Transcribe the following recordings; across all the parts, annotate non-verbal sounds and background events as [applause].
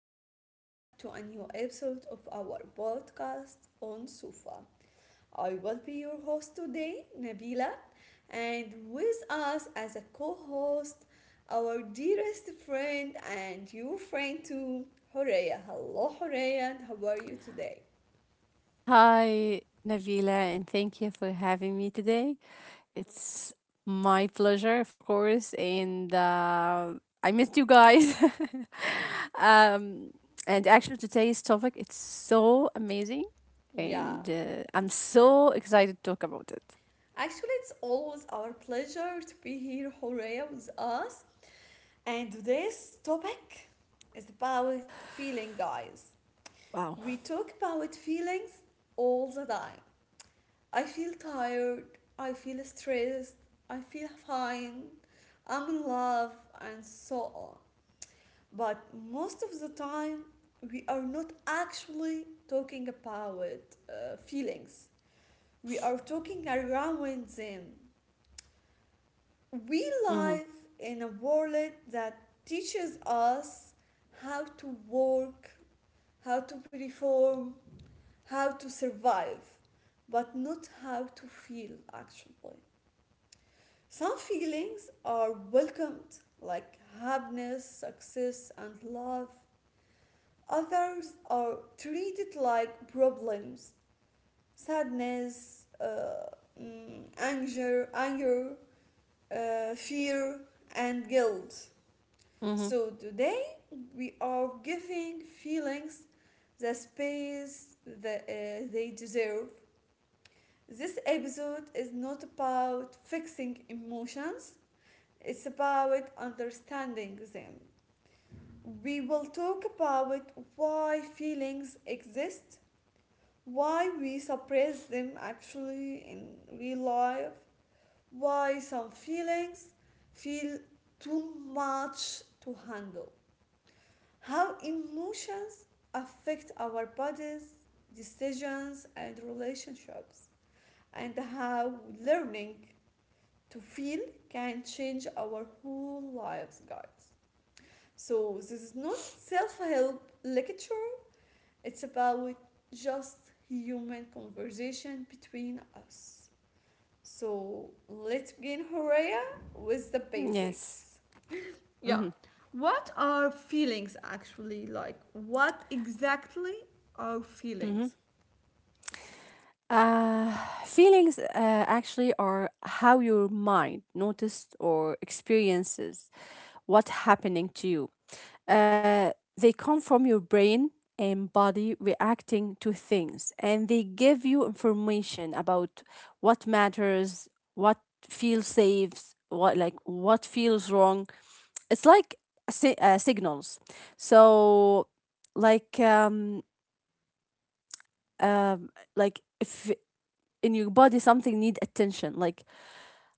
welcome back to a new episode of our podcast on Sufa. I will be your host today, Nabila, and with us as a co host, our dearest friend and your friend too, Horea. Hello, Horea, and how are you today? Hi, Navila, and thank you for having me today. It's my pleasure, of course, and I missed you guys. [laughs] um, and actually, today's topic it's so amazing, Yeah. and I'm so excited to talk about it. Actually, it's always our pleasure to be here, Horea, with us. And today's topic is about feeling, guys. Wow. We talk about feelings all the time. I feel tired, I feel stressed, I feel fine, I'm in love, and so on. But most of the time, we are not actually talking about feelings, we are talking around them. We Mm-hmm. live in a world that teaches us how to work, how to perform, how to survive, but not how to feel actually. Some feelings are welcomed, like happiness, success, and love. Others are treated like problems: sadness, anger, fear, and guilt. Mm-hmm. So today we are giving feelings the space that they deserve. This episode is not about fixing emotions, it's about understanding them. We will talk about why feelings exist, why we suppress them actually in real life, why some feelings feel too much to handle, how emotions affect our bodies, decisions, and relationships, and how learning to feel can change our whole lives, guys. So, this is not self help lecture, it's about just human conversation between us. So, let's begin, Horea, with the Yes. basics. Yeah. Mm-hmm. What are feelings actually like? What exactly are feelings? Mm-hmm. Uh, Feelings actually are how your mind noticed or experiences what's happening to you. Uh, they come from your brain and body reacting to things, and they give you information about what matters, what feels safe, what like what feels wrong. It's like signals. So, like um, um, like if in your body something need attention like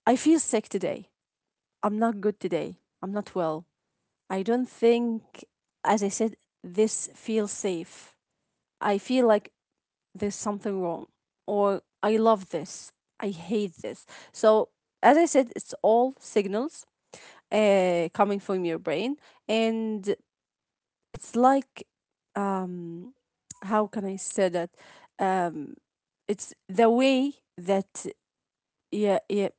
I feel sick today, I'm not good today, I'm not well, I don't think, as I said, this feels safe, I feel like there's something wrong, or I love this, I hate this. So, as I said, it's all signals, coming from your brain. And it's like, um how can I say that, um it's the way that, yeah yeah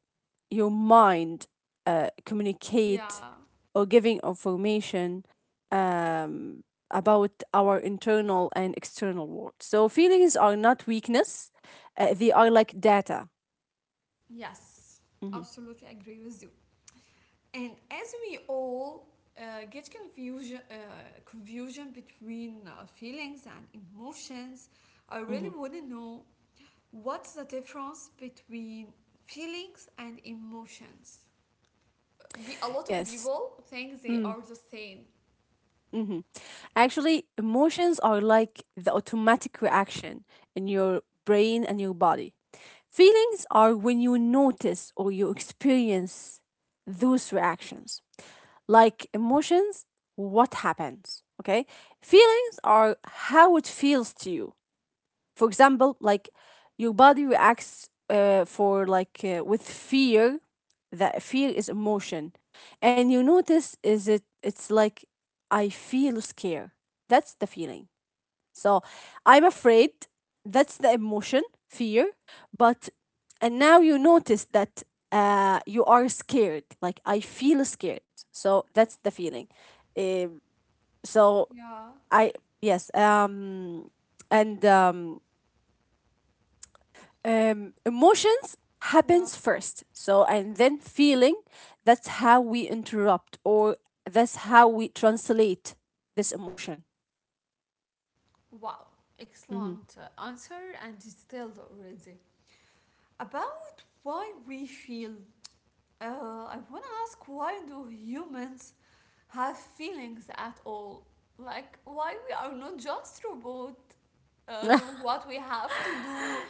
your mind communicate Yeah, or giving information um, about our internal and external world. So feelings are not weakness; they are like data. yes, Mhm, absolutely agree with you. And as we all get confusion between feelings and emotions, I mhm. really want to know what's the difference between feelings and emotions. Be a lot of Yes. people think they Mm, are the same. mhm. Yeah, Actually, emotions are like the automatic reaction in your brain and your body. Feelings are when you notice or you experience those reactions. Like emotions, what happens. Okay? Feelings are how it feels to you. For example, like your body reacts for with fear. That fear is emotion, and you notice is it? It's like I feel scared. That's the feeling. So I'm afraid, that's the emotion, fear. But, and now you notice that you are scared. Like, I feel scared. So that's the feeling. Um, so yeah, I, yes. And Emotions yeah. happens first. So, and then feeling, that's how we interrupt or that's how we translate this emotion. Wow, Mhm. excellent answer and detailed already. About why we feel, uh, I want to ask, why do humans have feelings at all? Like, why we are not just robot [laughs] doing what we have to do,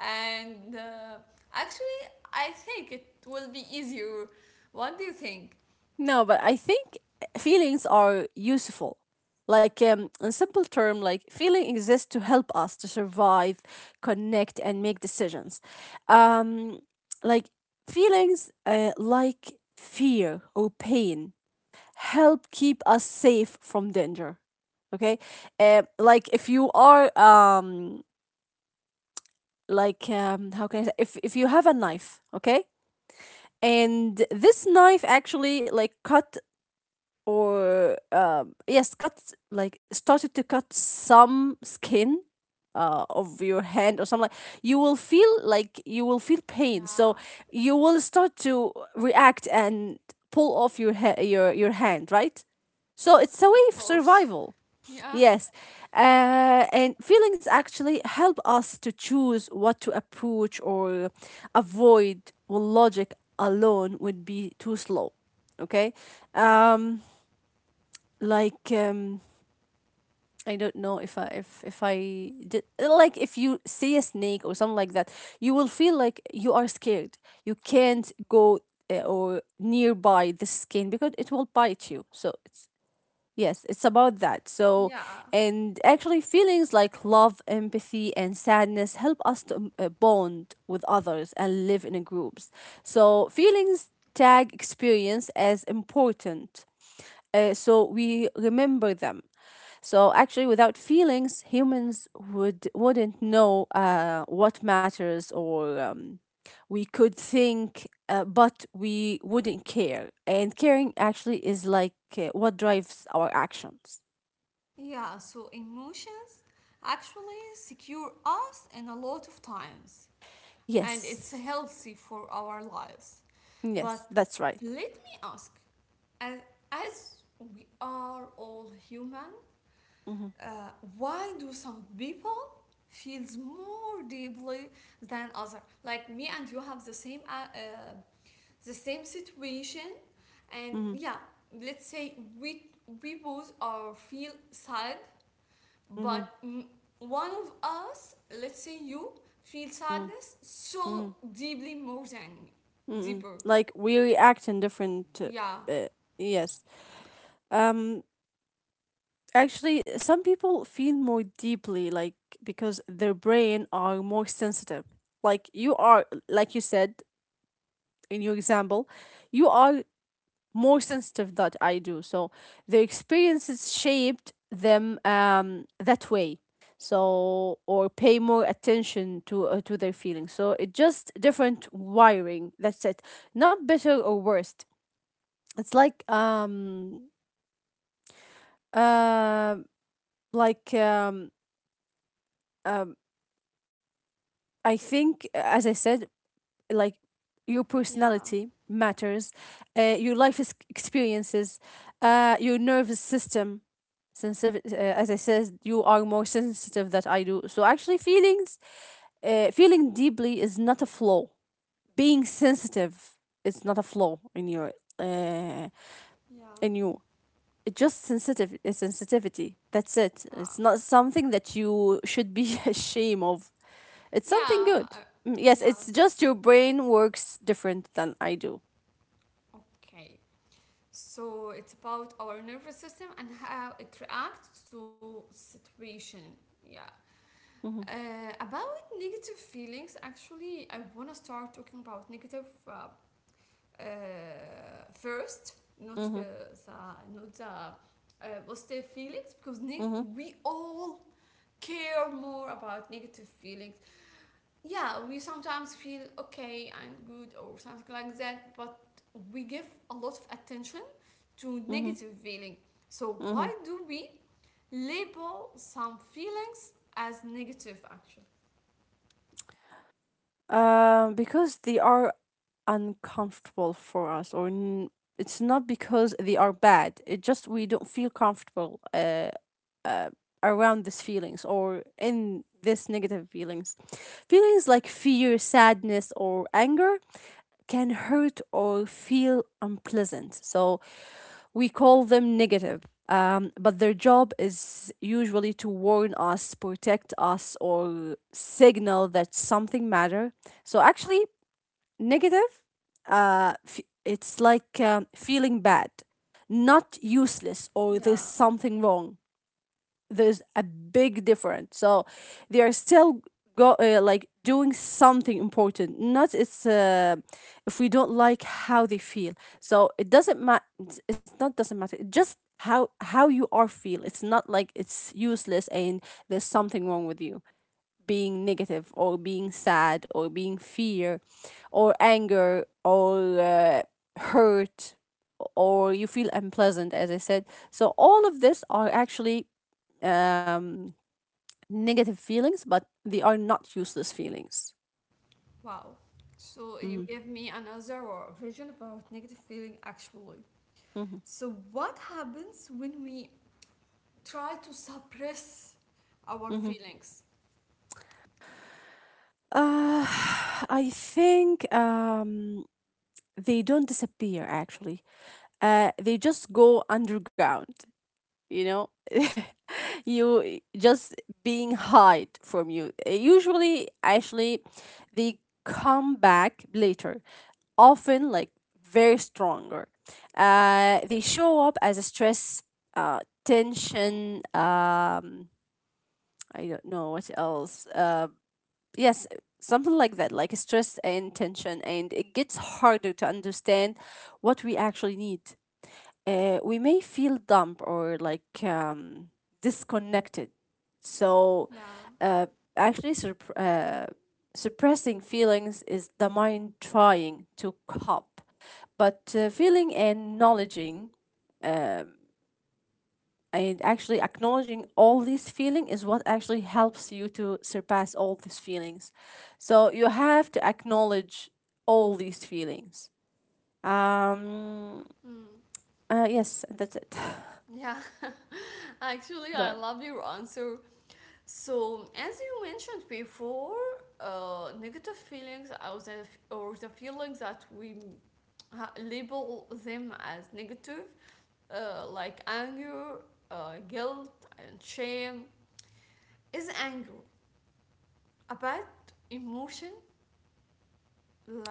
and actually, I think it will be easier. What do you think? No, but I think feelings are useful. In simple term, like feeling exists to help us to survive, connect, and make decisions. Um, like feelings, like fear or pain, help keep us safe from danger. Okay, like if you are how can I say, if you have a knife, okay, and this knife actually like cut or yes cut like started to cut some skin of your hand or something, like you will feel, like you will feel pain. So Yeah, you will start to react and pull off your hand, right? So it's a way of of course. [laughs] survival. Yeah, Yes, and feelings actually help us to choose what to approach or avoid when logic alone would be too slow. Okay, yeah, um like um I don't know if I did, like, if you see a snake or something like that, you will feel like you are scared. You can't go or nearby the skin because it will bite you. So it's, yes, it's about that. So, yeah. and actually feelings like love, empathy and sadness help us to bond with others and live in groups. So feelings tag experience as important. So we remember them. So actually, without feelings, humans would wouldn't know what matters, or we could think, but we wouldn't care. And caring actually is like what drives our actions. Yeah, so emotions actually secure us in a lot of times, and it's Yes, healthy for our lives. yes, But that's right. let me ask, as, as we are all human, Mm-hmm. uh, why do some people feels more deeply than other? Like me and you have the same situation, and Mm-hmm. yeah, let's say we both are feel sad, Mm-hmm. but one of us, let's say you, feel Mm-hmm. sadness so Mm-hmm. deeply more than me, Mm-hmm. deeper. Like we react in different. Yeah. Uh, yes. Um. Actually, some people feel more deeply, like because their brain are more sensitive. Like you are, like you said in your example, you are more sensitive that I do. So their experiences shaped them that way. So or pay more attention to their feelings. So it just different wiring. That's it. Not better or worse. It's like uh like um um I think, as I said, like your Yeah. personality matters, your experiences, your nervous system. Sensitive, as I said, you are more sensitive than I do. So actually, feelings, feeling deeply is not a flaw. Being sensitive is not a flaw in your, uh, Yeah, in you. It's just sensitive, it's sensitivity. That's it. It's not something that you should be [laughs] ashamed of. It's something yeah, good. yeah. Mm. Yes, it's Yes. just your brain works different than I do. Okay. So it's about our nervous system and how it reacts to situation. Yeah. Mm-hmm, About negative feelings, actually, I wanna start talking about negative uh, first, not uh, mm-hmm, not the positive feelings because mm-hmm, we all care more about negative feelings. Yeah, we sometimes feel okay and good or something like that, but we give a lot of attention to mm-hmm, negative feeling. So mm-hmm. why do we label some feelings as negative actually? Because they are uncomfortable for us, or it's not because they are bad. It just we don't feel comfortable uh, around these feelings or in this negative feelings. Feelings like fear, sadness, or anger can hurt or feel unpleasant. So we call them negative, but their job is usually to warn us, protect us, or signal that something matter. So actually, negative, it's like feeling bad, not useless or there's Yeah. something wrong. There's a big difference. So they are still go like doing something important. Not it's if we don't like how they feel. So it doesn't matter. It's not doesn't matter. It just how you are feel. It's not like it's useless and there's something wrong with you being negative or being sad or being fear or anger or hurt or you feel unpleasant, as I said. So all of this are actually, um, negative feelings, but they are not useless feelings. Wow. So you Mm-hmm. gave me another version about negative feeling actually. Mm-hmm. So what happens when we try to suppress our Mm-hmm. feelings? Uh, [sighs] I think they don't disappear, actually. They just go underground. you know [laughs] you just being hide from you. Usually actually they come back later, often like very stronger. They show up as a stress, tension, I don't know what else yes, something like that, like stress and tension. And it gets harder to understand what we actually need. We may feel dumb or like disconnected. So, Yeah. uh, actually, suppressing feelings is the mind trying to cope. But feeling and acknowledging, and actually acknowledging all these feeling is what actually helps you to surpass all these feelings. So you have to acknowledge all these feelings. Um. Yes, that's it. Yeah, [laughs] [laughs] actually, Sorry. I love your answer. So, as you mentioned before, negative feelings, or the feelings that we label them as negative, like anger, guilt, and shame, is anger a bad emotion,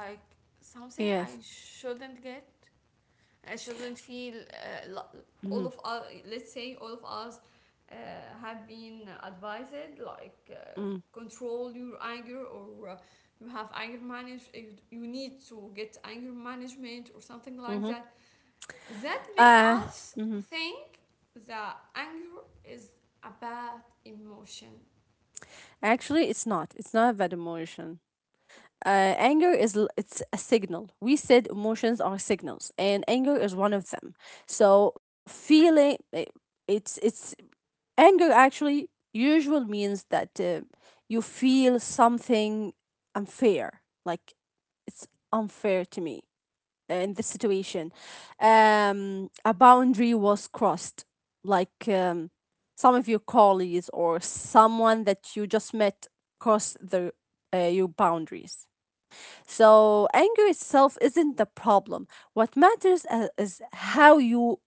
like something I Yes. shouldn't get, I shouldn't feel? All Mm-hmm. of us, let's say all of us uh, have been advised, like Mm-hmm. control your anger, or you have anger manage, you need to get anger management or something like Mm-hmm. that, that make Uh us Mm-hmm. think that anger is a bad emotion. Actually, it's not. It's not about emotion. Anger is it's a signal. We said emotions are signals, and anger is one of them. So feeling I- it's anger actually usual means that you feel something unfair, like it's unfair to me, in this situation. A boundary was crossed, like some of your colleagues or someone that you just met crossed the your boundaries. So anger itself isn't the problem. What matters is how you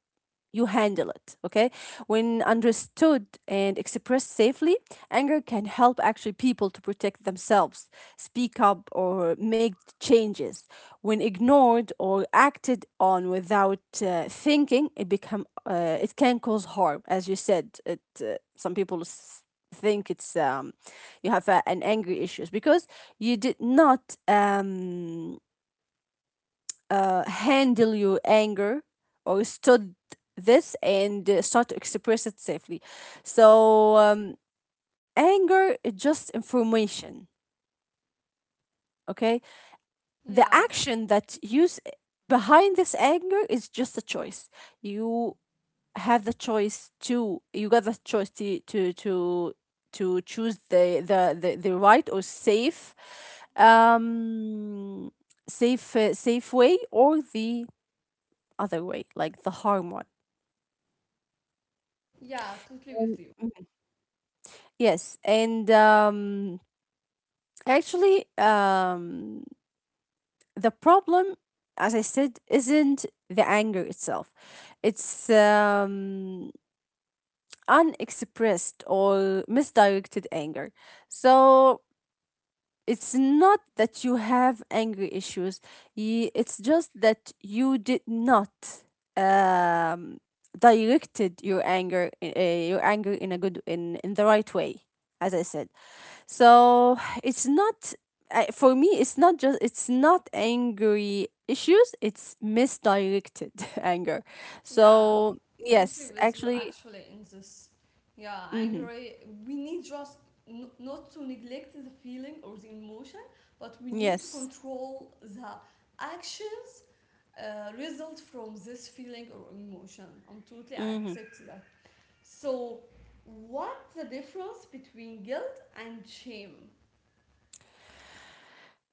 you handle it. Okay, when understood and expressed safely, anger can help actually people to protect themselves, speak up, or make changes. When ignored or acted on without thinking, it become it can cause harm, as you said it. Some people think it's you have a, an angry issues because you did not handle your anger or stood this and start to express it safely. So, anger is just information, okay? The Yeah. action that behind this anger is just a choice. You have the choice to, you got the choice to choose the the right or safe, um safe way or the other way, like the harm one. Yeah, totally with you. Mhm. Yes, and actually, the problem, as I said, isn't the anger itself. It's unexpressed or misdirected anger. So it's not that you have anger issues. It's just that you did not um, directed your anger in a good, in the right way, as I said. So it's not, for me it's not, just it's not angry issues, it's misdirected [laughs] anger. Yeah, So totally yes, with you actually, actually in this. Yeah, mhm, angry. We not to neglect the feeling or the emotion, but we need to yes, control the actions result from this feeling or emotion. I'm totally mhm. accept that. So, what's the difference between guilt and shame?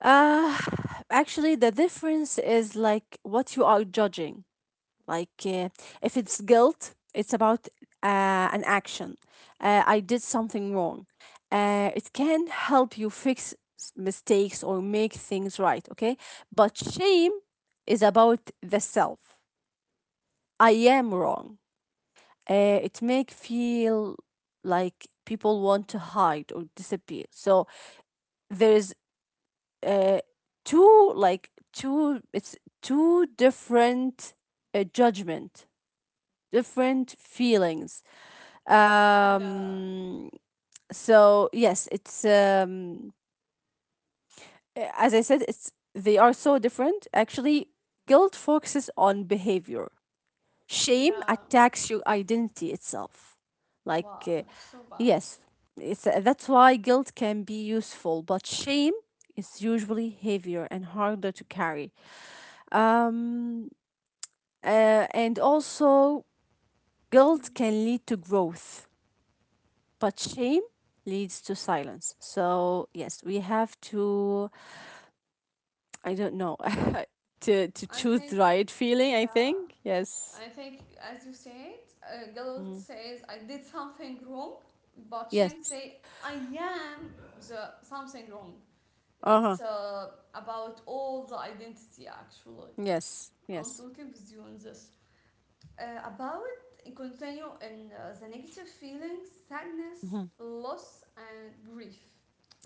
uh [sighs] Actually the difference is like what you are judging. Like, if it's guilt, it's about an action. I did something wrong. It can help you fix mistakes or make things right, okay? But shame is about the self. I am wrong. It make feel like people want to hide or disappear. So there's uh, two like two it's two different judgment, different feelings. Yeah, Um, so yes, it's as I said, it's they are so different. Actually, guilt focuses on behavior. Shame yeah. attacks your identity itself. Like Wow, it's so bad. yes, it's that's why guilt can be useful, but shame is usually heavier and harder to carry. Um, and also, guilt can lead to growth but shame leads to silence. So yes, we have to, I don't know, [laughs] to I choose think, the right feeling, I yeah. think. Yes. I think, as you said, guilt Mm. says I did something wrong, but shame Yes. say I am the something wrong. Uh-huh. It's about all the identity actually. Yes. I'm Yes. talking with you on this. About continue in the negative feelings, sadness, Mhm. loss, and grief.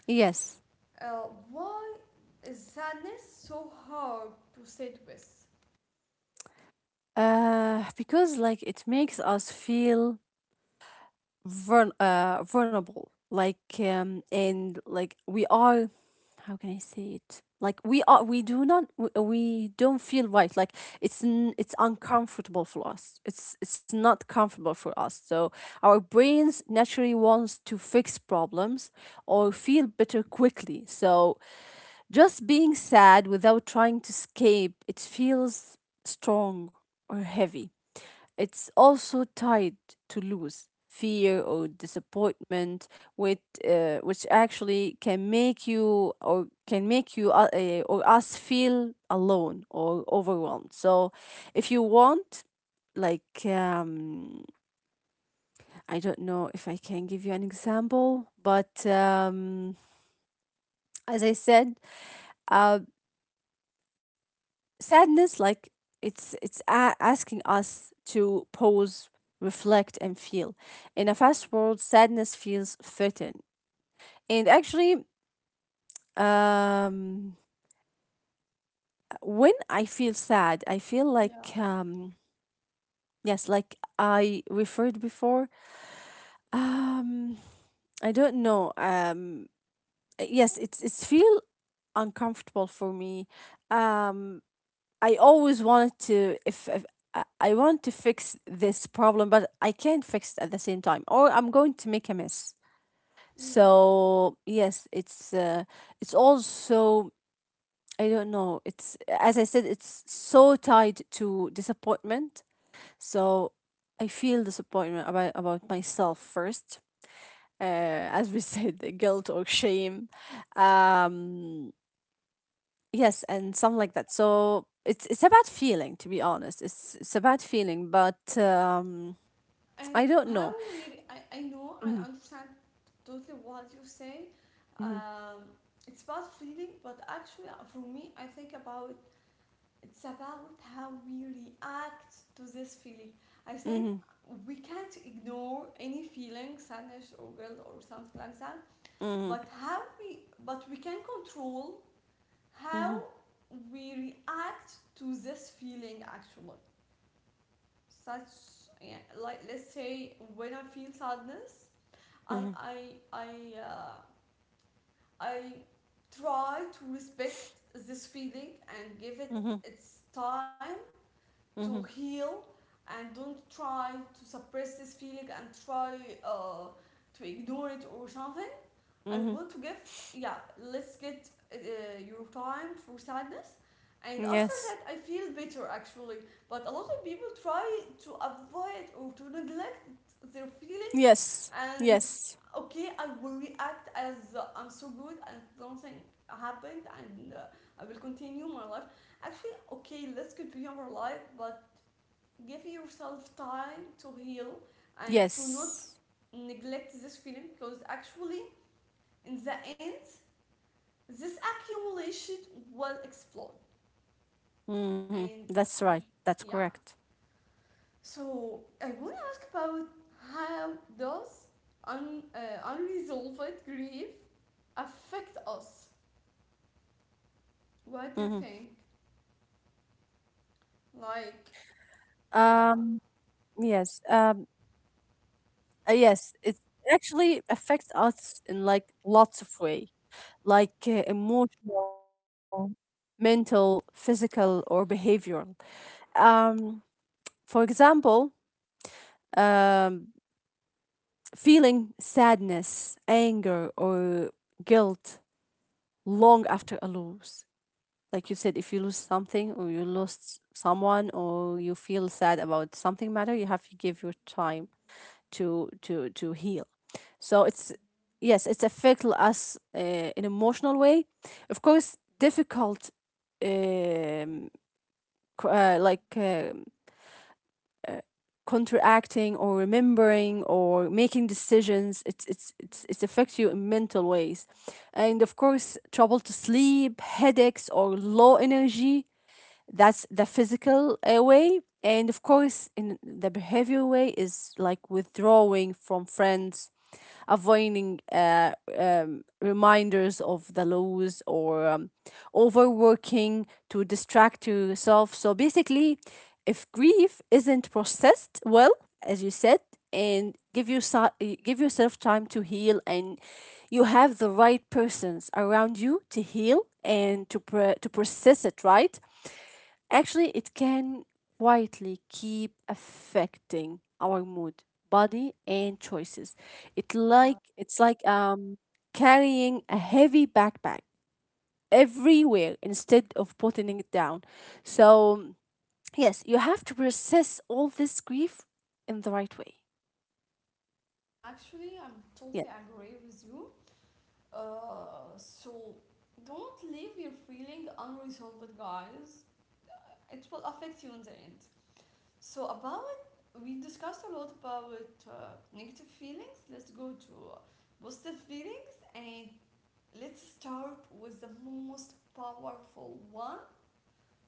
Yes. Uh, why is sadness so hard to sit with? Because like it makes us feel vulnerable, like and like we are, how can I say it? Like we are, we do not, we don't feel right. Like it's uncomfortable for us. It's not comfortable for us. So our brains naturally wants to fix problems or feel better quickly. So just being sad without trying to escape, it feels strong or heavy. It's also tied to lose, fear or disappointment, which which actually can make you or can make you or us feel alone or overwhelmed. So, if you want, like I don't know if I can give you an example, but as I said, uh, sadness like asking us to pause, reflect and feel in a fast world. Sadness feels threatened, and actually, um when I feel sad, I feel Yeah, like, yes, like I referred before. um I don't know. Yes, it's feel uncomfortable for me. um I always wanted to if I- I want to fix this problem, but I can't fix it at the same time, or I'm going to make a mess. yeah. So yes, it's also, I don't know. It's, as I said, it's so tied to disappointment. So I feel disappointment about myself first. As we [laughs] said, the guilt or shame. Um, Yes, and something like that. So it's a bad feeling, to be honest. It's a bad feeling, but And I don't know. I know, I Mhm, understand totally what you say. mhm, Um, it's about feeling, but actually, for me, I think about it's about how we react to this feeling. I think mhm, we can't ignore any feeling, sadness or guilt or something like that. mhm, But but we can control how mhm, we react to this feeling. Actually, such yeah, like let's say when I feel sadness, I mhm, I I uh, I try to respect this feeling and give it mhm, its time to mhm, heal, and don't try to suppress this feeling and try uh, to ignore it or something. I want to give mhm. yeah. Let's get your time for sadness. And after that, I Yes, feel better actually. But a lot of people try to avoid or to neglect their feeling, yes, and yes, okay, I will react as I'm so good, and something happened, and I will continue my life. Actually, okay, let's continue our life, but give yourself time to heal and to not yes. neglect this feeling, because actually in the end this accumulation will explode, and Hmm, that's right. yeah. That's correct. So I want to ask about how does un, uh, unresolved grief affect us? What hmm do you think? Like, yeah, Um. Yes. Yes. It actually affects us in like lots of way. Like emotional, mental, physical, or behavioral. Um, for example, um, feeling sadness, anger, or guilt long after a loss. Like you said, if you lose something or you lost someone or you feel sad about something matter, you have to give your time to heal. So it's yes, it's affect us in emotional way. Of course, difficult, um, like contracting or remembering or making decisions. It affects you in mental ways, and of course, trouble to sleep, headaches or low energy, that's the physical way. And of course, in the behavior way is like withdrawing from friends, avoiding reminders of the laws or overworking to distract yourself. So basically, if grief isn't processed well, as you said, and give you give yourself time to heal, and you have the right persons around you to heal and to process it right. Actually, it can quietly keep affecting our mood, body, and choices. Yeah. It's like carrying a heavy backpack everywhere instead of putting it down. So yes, you have to process all this grief in the right way. Actually, I'm totally Yes. agree with you. So don't leave your feeling unresolved, guys. Uh, It will affect you in the end. So about we discussed a lot about negative feelings. Let's go to positive feelings, and let's start with the most powerful one,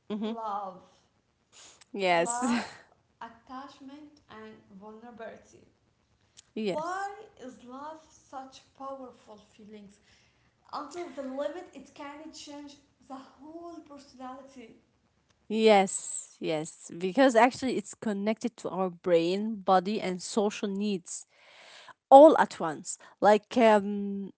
Mm-hmm. love. Yes. Love, attachment, and vulnerability. [laughs] Yes. Why is love such powerful feelings? Until the limit, it can change the whole personality. Yes, yes, because actually it's connected to our brain, body, and social needs, all at once. Like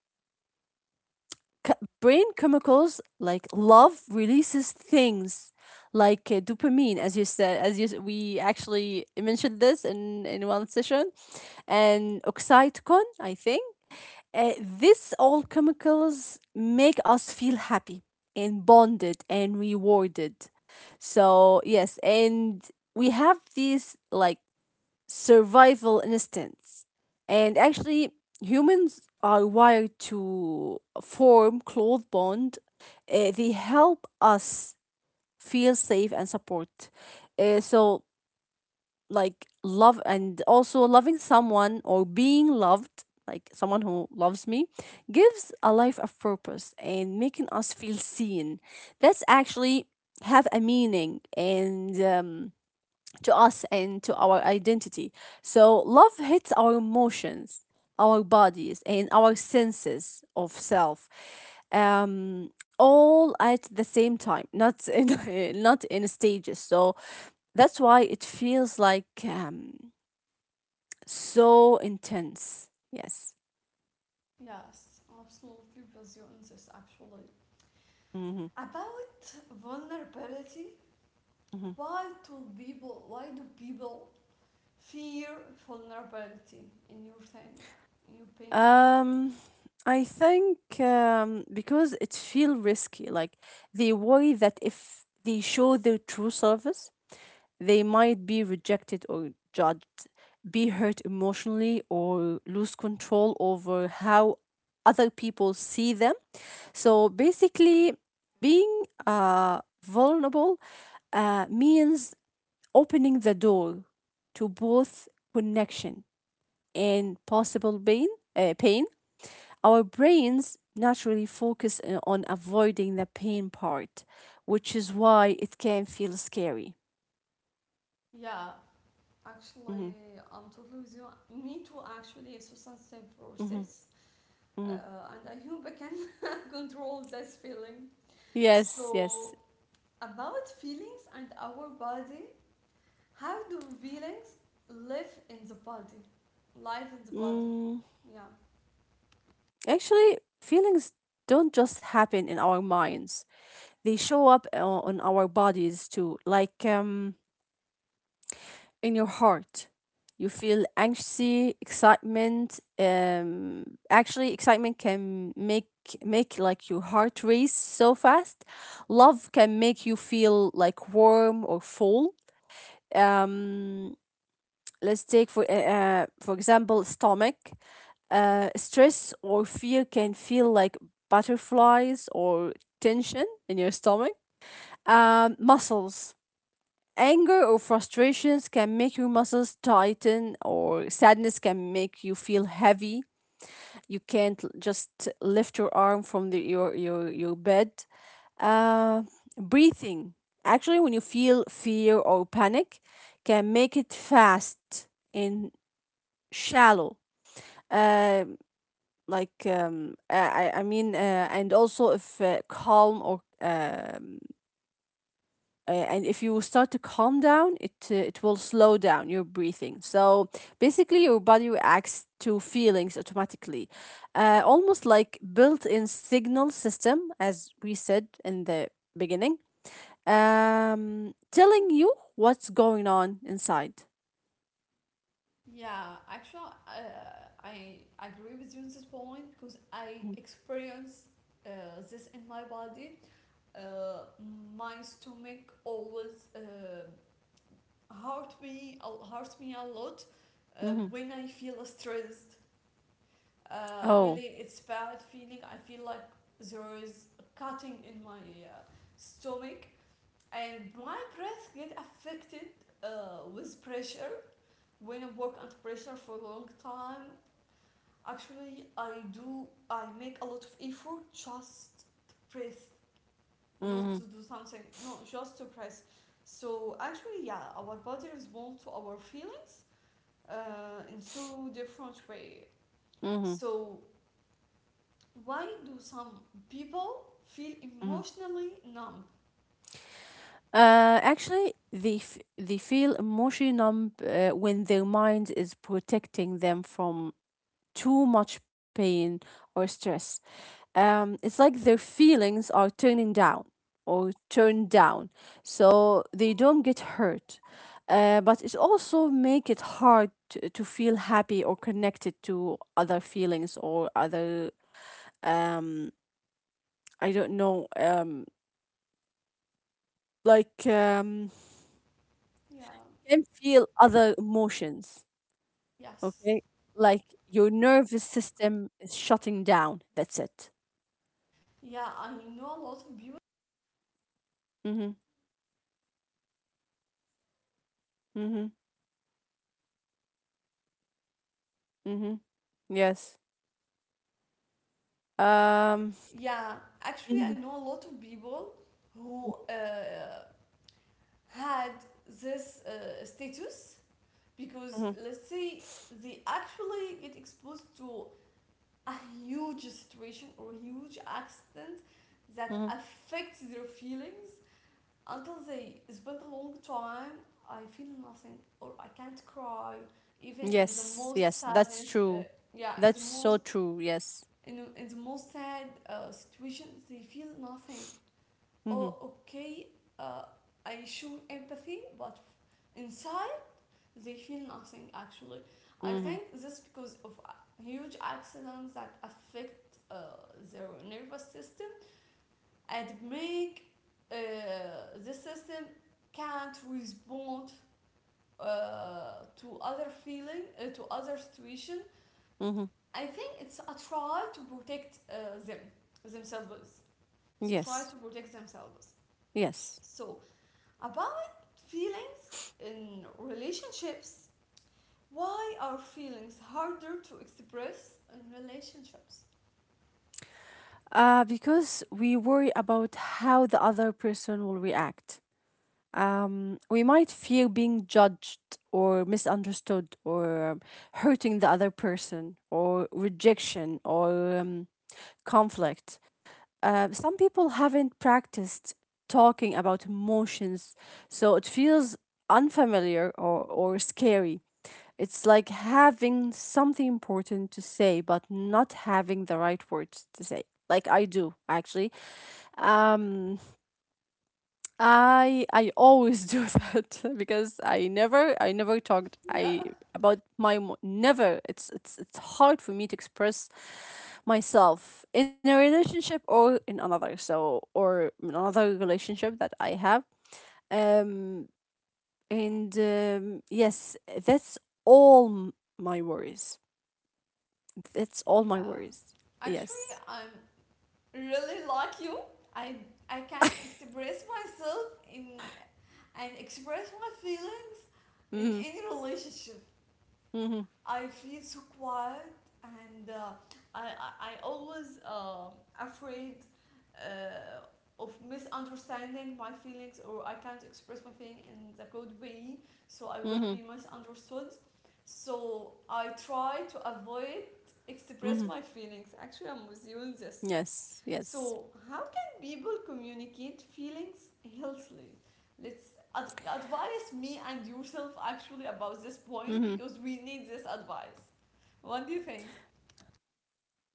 c- brain chemicals, like love releases things like dopamine, as you said, we actually mentioned this in one session, and oxytocin, I think. This all chemicals make us feel happy and bonded and rewarded. So yes, and we have these like survival instincts. And actually, humans are wired to form close bond. They help us feel safe and support. So like love and also loving someone or being loved, like someone who loves me, gives a life of purpose and making us feel seen. That's actually have a meaning and to us and to our identity. So love hits our emotions, our bodies, and our senses of self all at the same time, not in [laughs] not in stages. So that's why it feels like so intense. Yes. Yes, absolutely with you on this actually. Mm-hmm. About vulnerability, Mm-hmm. Why do people fear vulnerability in your thing, in your opinion? um I think because it feels risky. Like, they worry that if they show their true service, they might be rejected or judged, be hurt emotionally, or lose control over how other people see them. So basically, being vulnerable means opening the door to both connection and possible pain. Uh, pain. Our brains naturally focus on avoiding the pain part, which is why it can feel scary. Yeah, actually, Mhm, I'm totally with you. Me too, actually, it's a sensitive mhm, process, mhm. And I hope I can [laughs] control this feeling. Yes, So, yes. about feelings and our body, how do feelings live in the body? Live in the body, Mm, yeah. actually, feelings don't just happen in our minds. They show up on our bodies too, like in your heart. You feel anxiety, excitement. Actually, excitement can make like your heart race so fast. Love can make you feel like warm or full. Um, let's take for example, stomach. Stress or fear can feel like butterflies or tension in your stomach. Muscles. Anger or frustrations can make your muscles tighten, or sadness can make you feel heavy. You can't just lift your arm from your bed. Uh, breathing. Actually, when you feel fear or panic, can make it fast and shallow. Uh, like I mean, and also if calm or and if you start to calm down, it will slow down your breathing. So basically, your body reacts to feelings automatically, almost like built-in signal system, as we said in the beginning, telling you what's going on inside. Yeah, actually, I agree with you on this point because I Mhm. experience uh, this in my body. Uh, my stomach always hurt me hurt me a lot Mhm. when I feel stressed. Oh. Really, it's bad feeling. I feel like there is cutting in my uh, stomach, and my breath get affected with pressure. When I work under pressure for a long time, actually, I do. I make a lot of effort just to breathe, not Mm-hmm. to do something. No, just to breathe. So actually, yeah, our body responds to our feelings in so different way. Mm-hmm. So why do some people feel Mm-hmm. emotionally numb? Actually, they feel emotionally numb when their mind is protecting them from too much pain or stress. It's like their feelings are turning down or turned down, so they don't get hurt. But it also make it hard to feel happy or connected to other feelings or other, um I don't know, like, Yeah. can feel other emotions. Yes. Okay. Like your nervous system is shutting down. That's it. Yeah, I know a lot of people. Mm-hmm. Mm-hmm. Mm-hmm. Yes. Um. Yeah, actually, I Mhm, know a lot of people mhm, who had this status, because mhm, let's say they actually get exposed to a huge situation or huge accident that mhm. affects their feelings until they spend a long time. I feel nothing, or I can't cry even in the Yes. most Yes. That's sadness. True. Yeah, in the That's most, so true. Yes. in the most sad situation they feel nothing. Mm-hmm. Oh, okay, uh, I show empathy, but inside they feel nothing actually. I Mm-hmm. think this because of huge accidents that affect their nervous system, and make uh, the system can't respond to other situation. Mm-hmm. I think it's a try to protect them themselves, to try to Yes. protect themselves. Yes. So about feelings in relationships, why are feelings harder to express in relationships? Because we worry about how the other person will react. We might fear being judged or misunderstood or hurting the other person or rejection or um, conflict. Some people haven't practiced talking about emotions, so it feels unfamiliar or scary. It's like having something important to say, but not having the right words to say, like I do actually. Um, I always do [laughs] that because I never talked I Yeah, about my never. It's It's hard for me to express myself in a relationship or in another, so or in another relationship that I have. um and yes, that's all m- my worries, that's all my yeah, worries. actually Yes. I'm really like you. I can't express myself in, and express my feelings in Mhm, any relationship. mhm, I feel so quiet, and I always afraid uh, of misunderstanding my feelings, or I can't express my feeling in the good way, so I will mhm, be misunderstood. So I try to avoid express mhm. my feelings. Actually, I'm with you in this. Yes, yes. So, how can people communicate feelings healthily? Let's advise me and yourself actually about this point Mhm. because we need this advice. What do you think?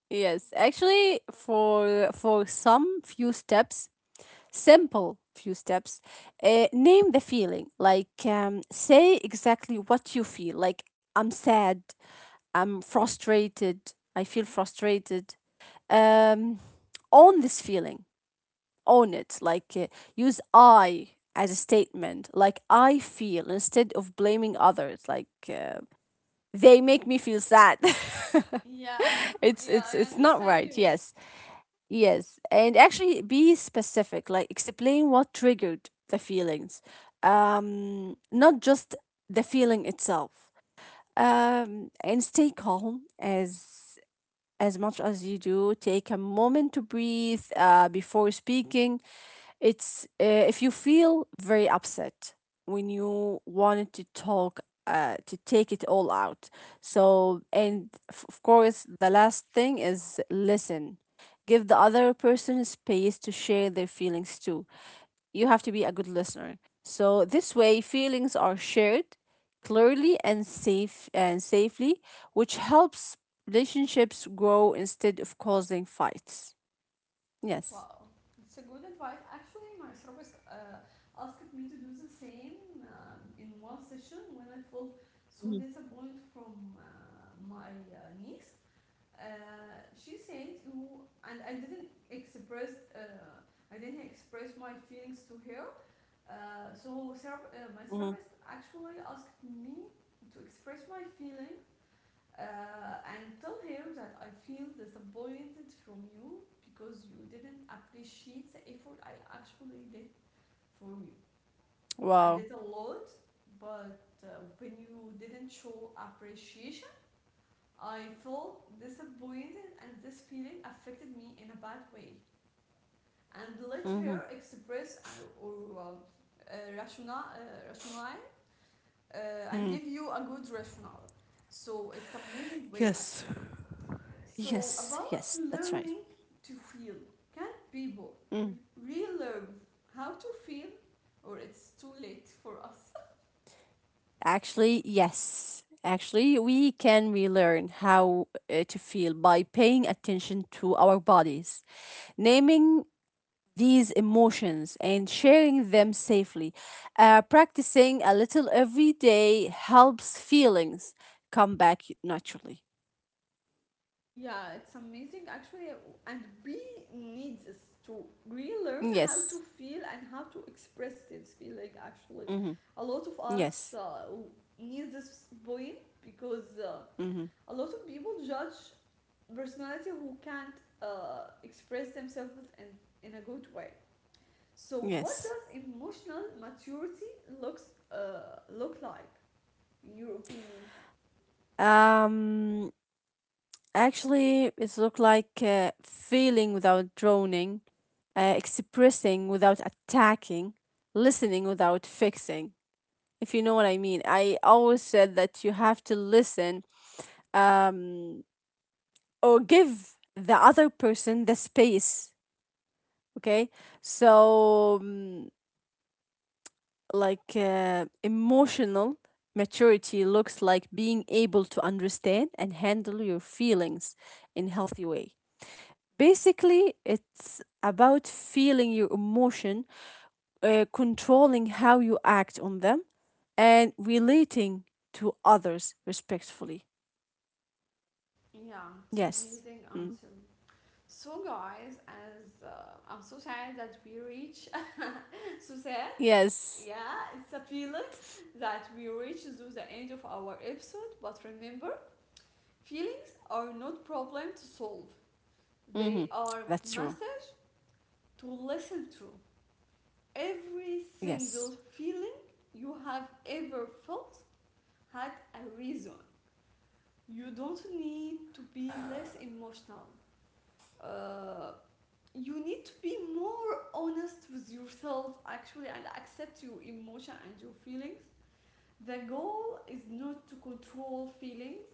Yes, actually, for some few steps, simple few steps, name the feeling. Like, say exactly what you feel. Like, I'm sad. I'm frustrated. I feel frustrated. Um, own this feeling. Own it. Like, use I as a statement. Like, I feel, instead of blaming others. Like, they make me feel sad. Yeah, [laughs] yeah, I it's not understand right. you. Yes. Yes, and actually be specific, like explain what triggered the feelings, not just the feeling itself. And stay calm as much as you do. Take a moment to breathe before speaking. It's if you feel very upset when you wanted to talk, to take it all out. So, and of course, the last thing is listen. Give the other person space to share their feelings too. You have to be a good listener. So this way, feelings are shared clearly and safely, which helps relationships grow instead of causing fights. Yes. Wow, it's a good advice. Actually, my therapist asked me to do the same in one session when I felt so Mhm. disappointed from my niece. She said, who, and I didn't express my feelings to her. So my Mm-hmm. therapist actually asked me to express my feeling and tell her that I feel disappointed from you because you didn't appreciate the effort I actually did for you. I Wow. did a lot, but when you didn't show appreciation, I felt disappointed and this feeling affected me in a bad way, and let Mm-hmm. her express and, or rationale uh, and Mm. give you a good rationale. So it's amazing way Yes. actually. So Yes, about yes, that's right. learning to feel, can people Mm. relearn how to feel, or it's too late for us? Actually, yes. Actually, we can relearn how to feel by paying attention to our bodies, naming these emotions and sharing them safely. Practicing a little every day helps feelings come back naturally. Yeah, it's amazing actually, and we needs is to relearn how Yes. to feel and how to express this feeling. Actually, Mm-hmm. a lot of us Yes. uh, need this point because Mm-hmm. a lot of people judge personality who can't express themselves in a good way. So, what Yes. does emotional maturity looks look like? In your opinion? Um. Actually, it looked like feeling without droning, expressing without attacking, listening without fixing, if you know what I mean. I always said that you have to listen, um, or give the other person the space, okay? So, like, emotional maturity looks like being able to understand and handle your feelings in healthy way. Basically, it's about feeling your emotion, controlling how you act on them, and relating to others respectfully. Yeah, it's Yes. amazing Mm. answer. So, guys, as I'm so sad that we reach, [laughs] so sad. Yes. Yeah, it's a feeling that we reach to the end of our episode. But remember, feelings are not problem to solve. Hmm. They are That's true. method to listen to. Every single Yes. feeling you have ever felt had a reason. You don't need to be less emotional. Uh, you need to be more honest with yourself actually, and accept your emotion and your feelings. The goal is not to control feelings,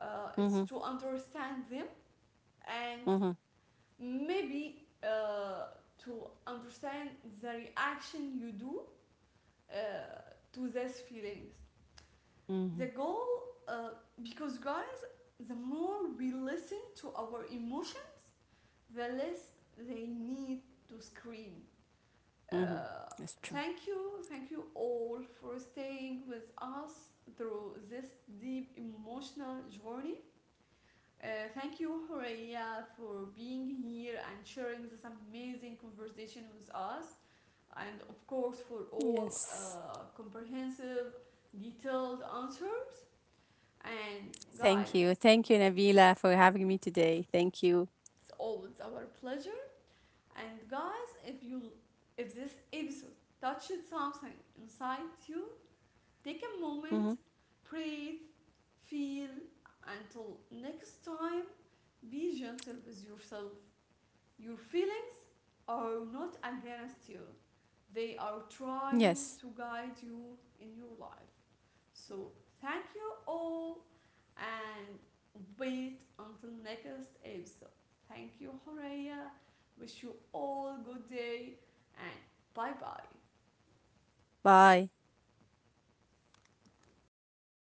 it's Hmm. to understand them, and Hmm. maybe to understand the reaction you do uh, to these feelings, the Hmm. goal, uh, because guys, the more we listen to our emotion, the less they need to scream. Uh, Hmm. That's true. Thank you all for staying with us through this deep emotional journey. Uh, thank you, Horeya, for being here and sharing this amazing conversation with us, and of course, for all Yes. Comprehensive, detailed answer. And Thank guys, you. Thank you, Nabila, for having me today. Thank you. it's always our pleasure. And guys, if you if this episode touched something inside you, take a moment, Hmm. breathe, feel. Until next time, be gentle with yourself. Your feelings are not against you, they are trying Yes. to guide you in your life. So, thank you all, and wait until next episode. Thank you, Horea. Wish you all a good day, and bye bye. Bye.